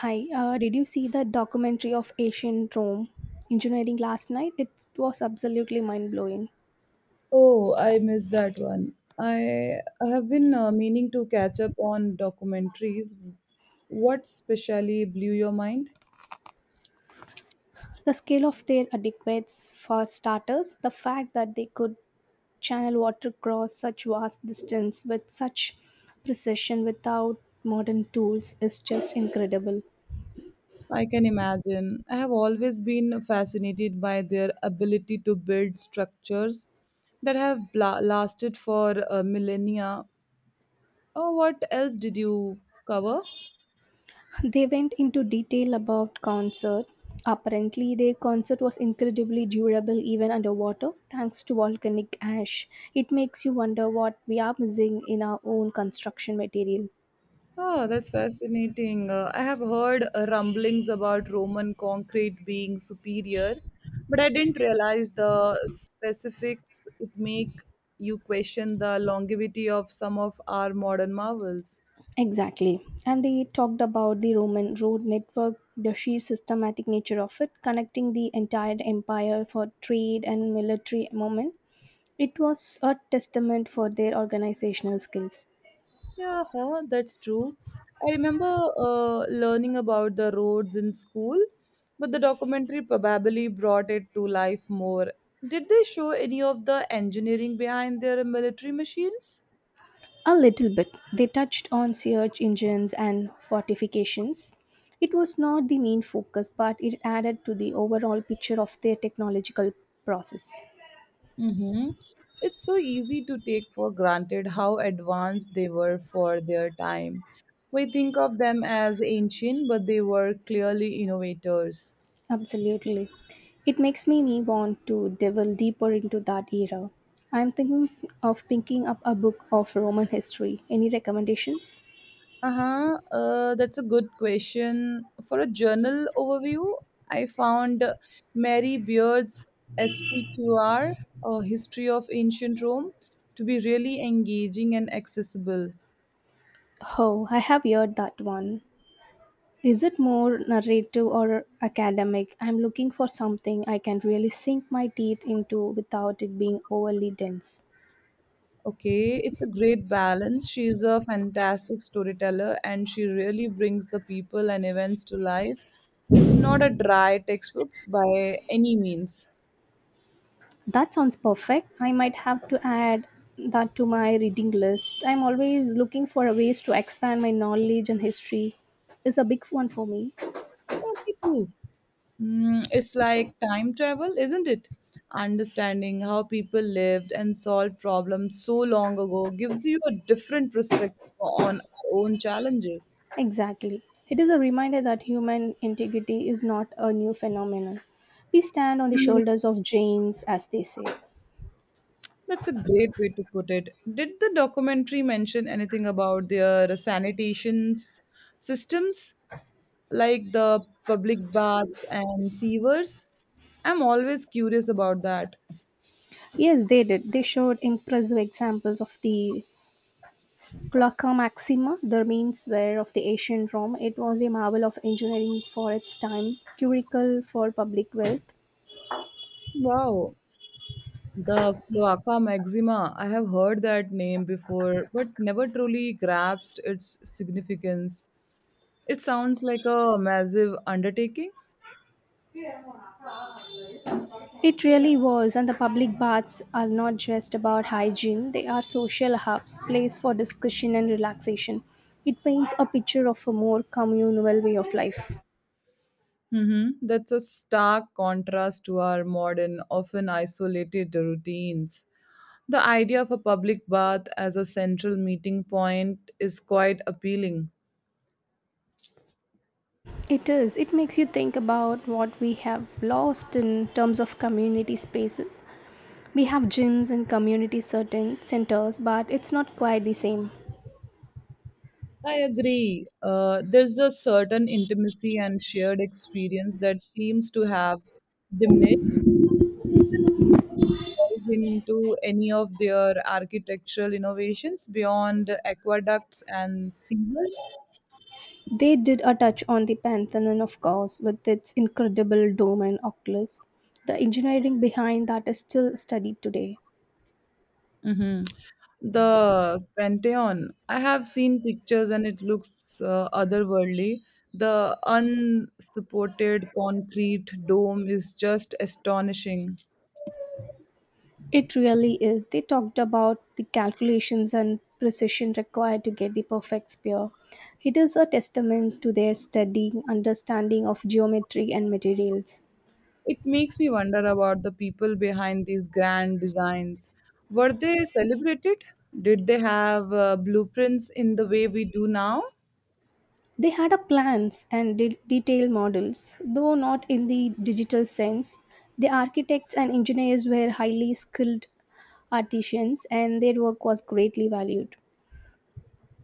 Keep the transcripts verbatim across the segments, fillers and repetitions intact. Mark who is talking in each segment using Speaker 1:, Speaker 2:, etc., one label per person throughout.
Speaker 1: Hi, uh, did you see that documentary of ancient Rome engineering last night? It was absolutely mind blowing.
Speaker 2: Oh, I missed that one. I I have been uh, meaning to catch up on documentaries. What specially blew your mind?
Speaker 1: The scale of their adequates, for starters, the fact that they could channel water across such vast distance with such precision without modern tools is just incredible.
Speaker 2: I can imagine. I have always been fascinated by their ability to build structures that have bla- lasted for uh, millennia. Oh, what else did you cover?
Speaker 1: They went into detail about concert. Apparently, their concert was incredibly durable even underwater thanks to volcanic ash. It makes you wonder what we are missing in our own construction material.
Speaker 2: Oh, that's fascinating. Uh, I have heard uh, rumblings about Roman concrete being superior, but I didn't realize the specifics it make you question the longevity of some of our modern marvels.
Speaker 1: Exactly. And they talked about the Roman road network, the sheer systematic nature of it, connecting the entire empire for trade and military movement. It was a testament for their organizational skills.
Speaker 2: Yeah, huh, that's true. I remember uh, learning about the roads in school, but the documentary probably brought it to life more. Did they show any of the engineering behind their military machines?
Speaker 1: A little bit. They touched on search engines and fortifications. It was not the main focus, but it added to the overall picture of their technological process.
Speaker 2: Mm-hmm. It's so easy to take for granted how advanced they were for their time. We think of them as ancient, but they were clearly innovators.
Speaker 1: Absolutely. It makes me want to delve deeper into that era. I'm thinking of picking up a book of Roman history. Any recommendations?
Speaker 2: Uh-huh. Uh, that's a good question. For a journal overview, I found Mary Beard's S P Q R, A History of Ancient Rome, to be really engaging and accessible.
Speaker 1: Oh, I have heard that one. Is it more narrative or academic? I'm looking for something I can really sink my teeth into without it being overly dense.
Speaker 2: Okay, it's a great balance. She's a fantastic storyteller and she really brings the people and events to life. It's not a dry textbook by any means.
Speaker 1: That sounds perfect. I might have to add that to my reading list. I'm always looking for ways to expand my knowledge and history. Is a big one for me.
Speaker 2: Oh, me too. Mm, it's like time travel, isn't it? Understanding how people lived and solved problems so long ago gives you a different perspective on our own challenges.
Speaker 1: Exactly. It is a reminder that human integrity is not a new phenomenon. We stand on the shoulders of giants, as they say.
Speaker 2: That's a great way to put it. Did the documentary mention anything about their sanitation systems, like the public baths and sewers? I'm always curious about that.
Speaker 1: Yes, they did. They showed impressive examples of the Colloca Maxima, the remains were of the ancient Rome. It was a marvel of engineering for its time, curricle for public wealth.
Speaker 2: Wow, the cloaca maxima. I have heard that name before, but never truly grasped its significance. It sounds like a massive undertaking.
Speaker 1: It really was, and the public baths are not just about hygiene, they are social hubs, place for discussion and relaxation. It paints a picture of a more communal way of life.
Speaker 2: Mm-hmm. That's a stark contrast to our modern, often isolated routines. The idea of a public bath as a central meeting point is quite appealing.
Speaker 1: It is. It makes you think about what we have lost in terms of community spaces. We have gyms and community certain centers, but it's not quite the same.
Speaker 2: I agree. Uh, there's a certain intimacy and shared experience that seems to have diminished into any of their architectural innovations beyond aqueducts and sewers.
Speaker 1: They did a touch on the Pantheon, of course, with its incredible dome and oculus. The engineering behind that is still studied today.
Speaker 2: Hmm. The Pantheon. I have seen pictures and it looks uh, otherworldly. The unsupported concrete dome is just astonishing.
Speaker 1: It really is. They talked about the calculations and precision required to get the perfect sphere. It is a testament to their studying, understanding of geometry and materials.
Speaker 2: It makes me wonder about the people behind these grand designs. Were they celebrated? Did they have uh, blueprints in the way we do now?
Speaker 1: They had a plans and de- detailed models, though not in the digital sense. The architects and engineers were highly skilled artisans, and their work was greatly valued.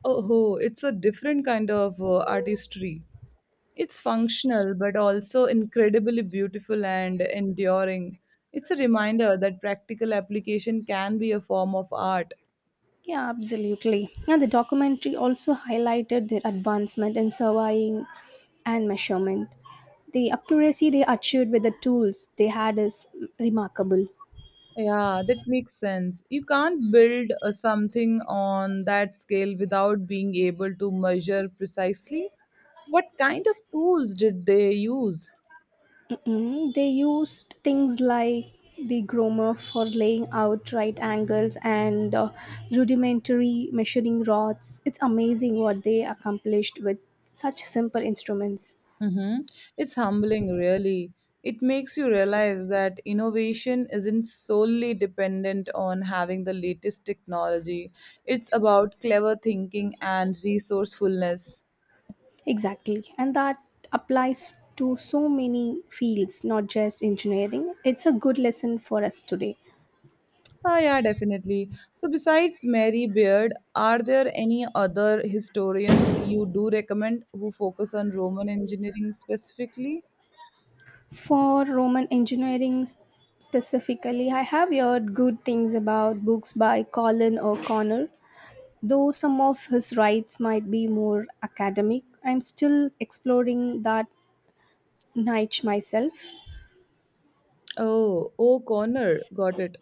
Speaker 2: Oh, it's a different kind of uh, artistry. It's functional, but also incredibly beautiful and enduring. It's a reminder that practical application can be a form of art.
Speaker 1: Yeah, absolutely. And the documentary also highlighted their advancement in surveying and measurement. The accuracy they achieved with the tools they had is remarkable.
Speaker 2: Yeah, that makes sense. You can't build uh, something on that scale without being able to measure precisely what kind of tools did they use.
Speaker 1: Mm, they used things like the Gromer for laying out right angles and uh, rudimentary measuring rods. It's amazing what they accomplished with such simple instruments.
Speaker 2: Mm-hmm. It's humbling, really. It makes you realize that innovation isn't solely dependent on having the latest technology. It's about clever thinking and resourcefulness.
Speaker 1: Exactly. And that applies to so many fields, not just engineering. It's a good lesson for us today.
Speaker 2: Ah, yeah, definitely. So, besides Mary Beard, are there any other historians you do recommend who focus on Roman engineering specifically?
Speaker 1: For Roman engineering specifically, I have heard good things about books by Colin O'Connor. Though some of his writes might be more academic, I'm still exploring that niche myself.
Speaker 2: Oh, O'Connor, got it.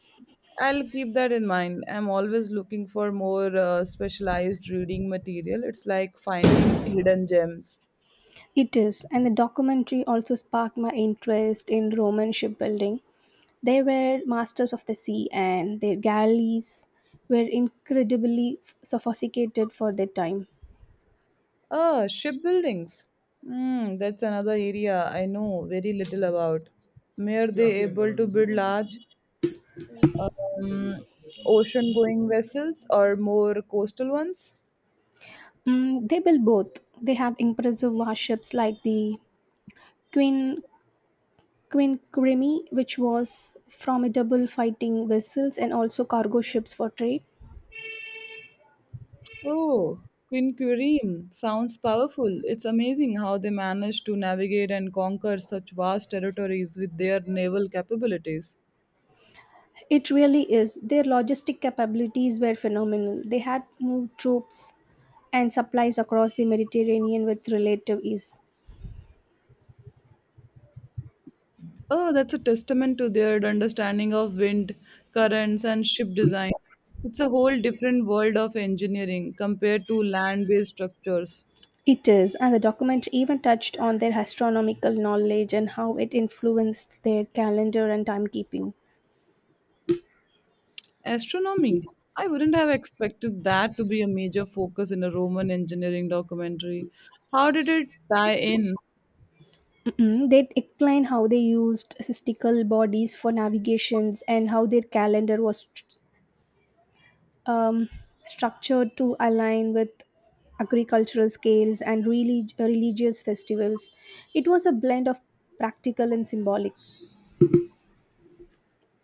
Speaker 2: I'll keep that in mind. I'm always looking for more uh, specialized reading material. It's like finding hidden gems.
Speaker 1: It is, and the documentary also sparked my interest in Roman shipbuilding. They were masters of the sea, and their galleys were incredibly sophisticated for their time.
Speaker 2: Ah, shipbuildings. Hmm, that's another area I know very little about. Were they able to build large um, ocean-going vessels or more coastal ones?
Speaker 1: Mm, they built both. They had impressive warships like the Queen Queen Creamy, which was formidable fighting vessels and also cargo ships for trade.
Speaker 2: Oh, Queen sounds powerful. It's amazing how they managed to navigate and conquer such vast territories with their naval capabilities.
Speaker 1: It really is. Their logistic capabilities were phenomenal. They had moved troops and supplies across the Mediterranean with relative ease.
Speaker 2: Oh, that's a testament to their understanding of wind, currents, and ship design. It's a whole different world of engineering compared to land based structures.
Speaker 1: It is, and the document even touched on their astronomical knowledge and how it influenced their calendar and timekeeping.
Speaker 2: Astronomy. I wouldn't have expected that to be a major focus in a Roman engineering documentary. How did it tie in?
Speaker 1: Mm, they explain how they used statistical bodies for navigations and how their calendar was um, structured to align with agricultural scales and relig- religious festivals. It was a blend of practical and symbolic.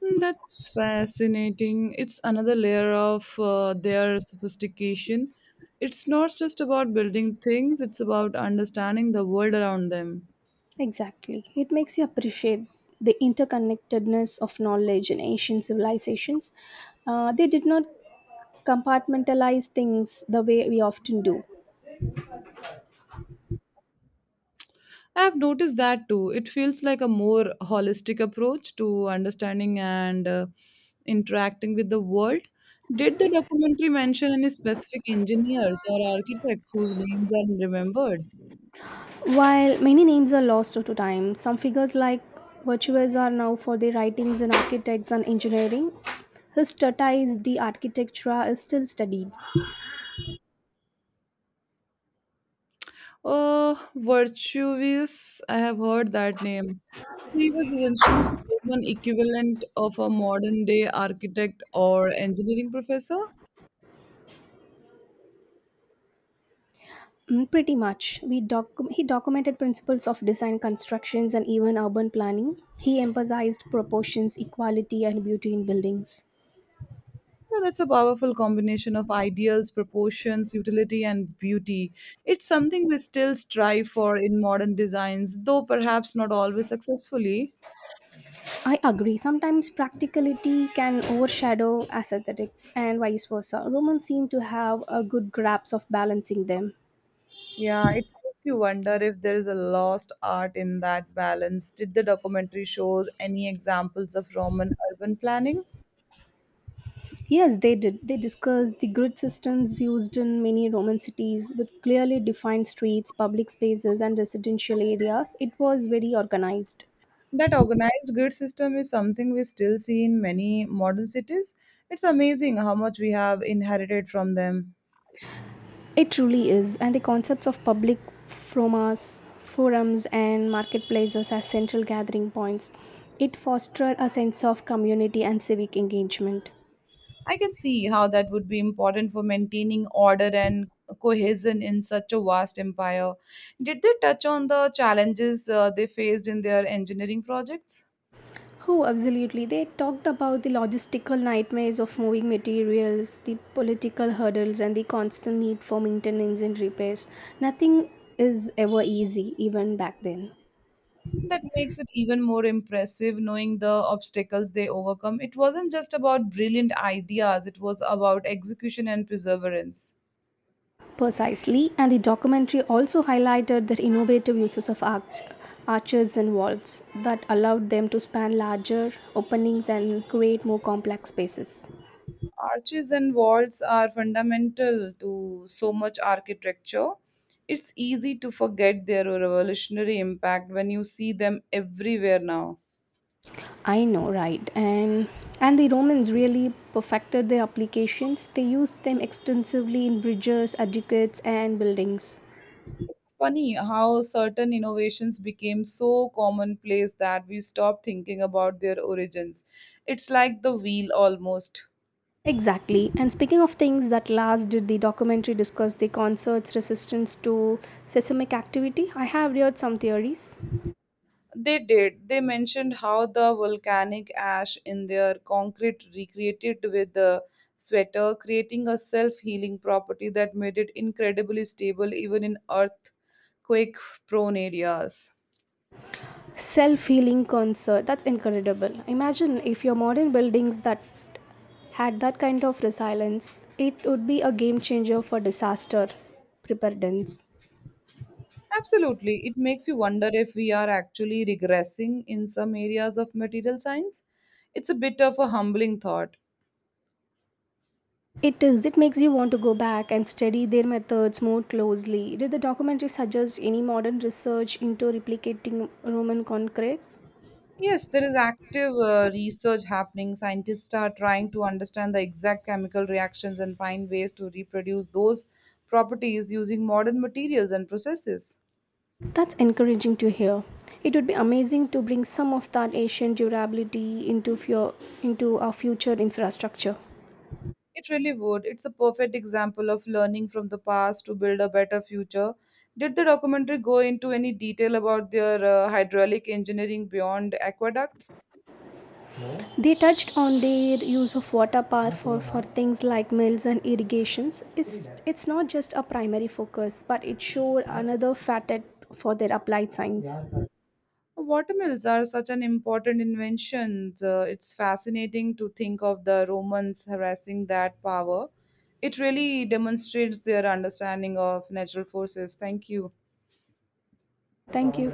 Speaker 2: Mm, that's fascinating. It's another layer of uh, their sophistication. It's not just about building things, it's about understanding the world around them.
Speaker 1: Exactly. It makes you appreciate the interconnectedness of knowledge in ancient civilizations. Uh, they did not compartmentalize things the way we often do.
Speaker 2: I have noticed that too. It feels like a more holistic approach to understanding and uh, interacting with the world. Did the documentary mention any specific engineers or architects whose names are remembered?
Speaker 1: While many names are lost to time, some figures like Virtues are now for their writings in architects and engineering. His treatise De Architectura is still studied.
Speaker 2: Uh, Virtuvius, I have heard that name. He was essentially the Roman equivalent of a modern day architect or engineering professor.
Speaker 1: Mm, pretty much. We docu- he documented principles of design constructions and even urban planning. He emphasized proportions, equality, and beauty in buildings.
Speaker 2: Yeah, that's a powerful combination of ideals, proportions, utility, and beauty. It's something we still strive for in modern designs, though perhaps not always successfully.
Speaker 1: I agree. Sometimes practicality can overshadow aesthetics and vice versa. Romans seem to have a good grasp of balancing them.
Speaker 2: Yeah, it makes you wonder if there is a lost art in that balance. Did the documentary show any examples of Roman urban planning?
Speaker 1: Yes, they did. They discussed the grid systems used in many Roman cities with clearly defined streets, public spaces, and residential areas. It was very organized.
Speaker 2: That organized grid system is something we still see in many modern cities. It's amazing how much we have inherited from them.
Speaker 1: It truly is. And the concepts of public forums, forums, and marketplaces as central gathering points. It fostered a sense of community and civic engagement.
Speaker 2: I can see how that would be important for maintaining order and cohesion in such a vast empire. Did they touch on the challenges uh, they faced in their engineering projects?
Speaker 1: Oh, absolutely. They talked about the logistical nightmares of moving materials, the political hurdles, and the constant need for maintenance and repairs. Nothing is ever easy, even back then.
Speaker 2: That makes it even more impressive knowing the obstacles they overcome. It wasn't just about brilliant ideas, it was about execution and perseverance.
Speaker 1: Precisely, and the documentary also highlighted the innovative uses of arch, arches and walls that allowed them to span larger openings and create more complex spaces.
Speaker 2: Arches and vaults are fundamental to so much architecture. It's easy to forget their revolutionary impact when you see them everywhere now.
Speaker 1: I know, right? And and the Romans really perfected their applications. They used them extensively in bridges, aqueducts, and buildings.
Speaker 2: It's funny how certain innovations became so commonplace that we stopped thinking about their origins. It's like the wheel almost.
Speaker 1: Exactly. And speaking of things that last, did the documentary discuss the concert's resistance to seismic activity? I have read some theories.
Speaker 2: They did. They mentioned how the volcanic ash in their concrete recreated with the sweater, creating a self healing property that made it incredibly stable even in earthquake prone areas.
Speaker 1: Self healing concert. That's incredible. Imagine if your modern buildings that had that kind of resilience, it would be a game changer for disaster preparedness.
Speaker 2: Absolutely. It makes you wonder if we are actually regressing in some areas of material science. It's a bit of a humbling thought.
Speaker 1: It is. It makes you want to go back and study their methods more closely. Did the documentary suggest any modern research into replicating Roman concrete?
Speaker 2: Yes, there is active uh, research happening. Scientists are trying to understand the exact chemical reactions and find ways to reproduce those properties using modern materials and processes.
Speaker 1: That's encouraging to hear. It would be amazing to bring some of that ancient durability into, fu- into our future infrastructure.
Speaker 2: It really would. It's a perfect example of learning from the past to build a better future. Did the documentary go into any detail about their uh, hydraulic engineering beyond aqueducts?
Speaker 1: They touched on their use of water power for, for things like mills and irrigations. It's, it's not just a primary focus, but it showed another facet for their applied science.
Speaker 2: Watermills are such an important invention. Uh, it's fascinating to think of the Romans harassing that power it really demonstrates their understanding of natural forces. Thank you.
Speaker 1: Thank you.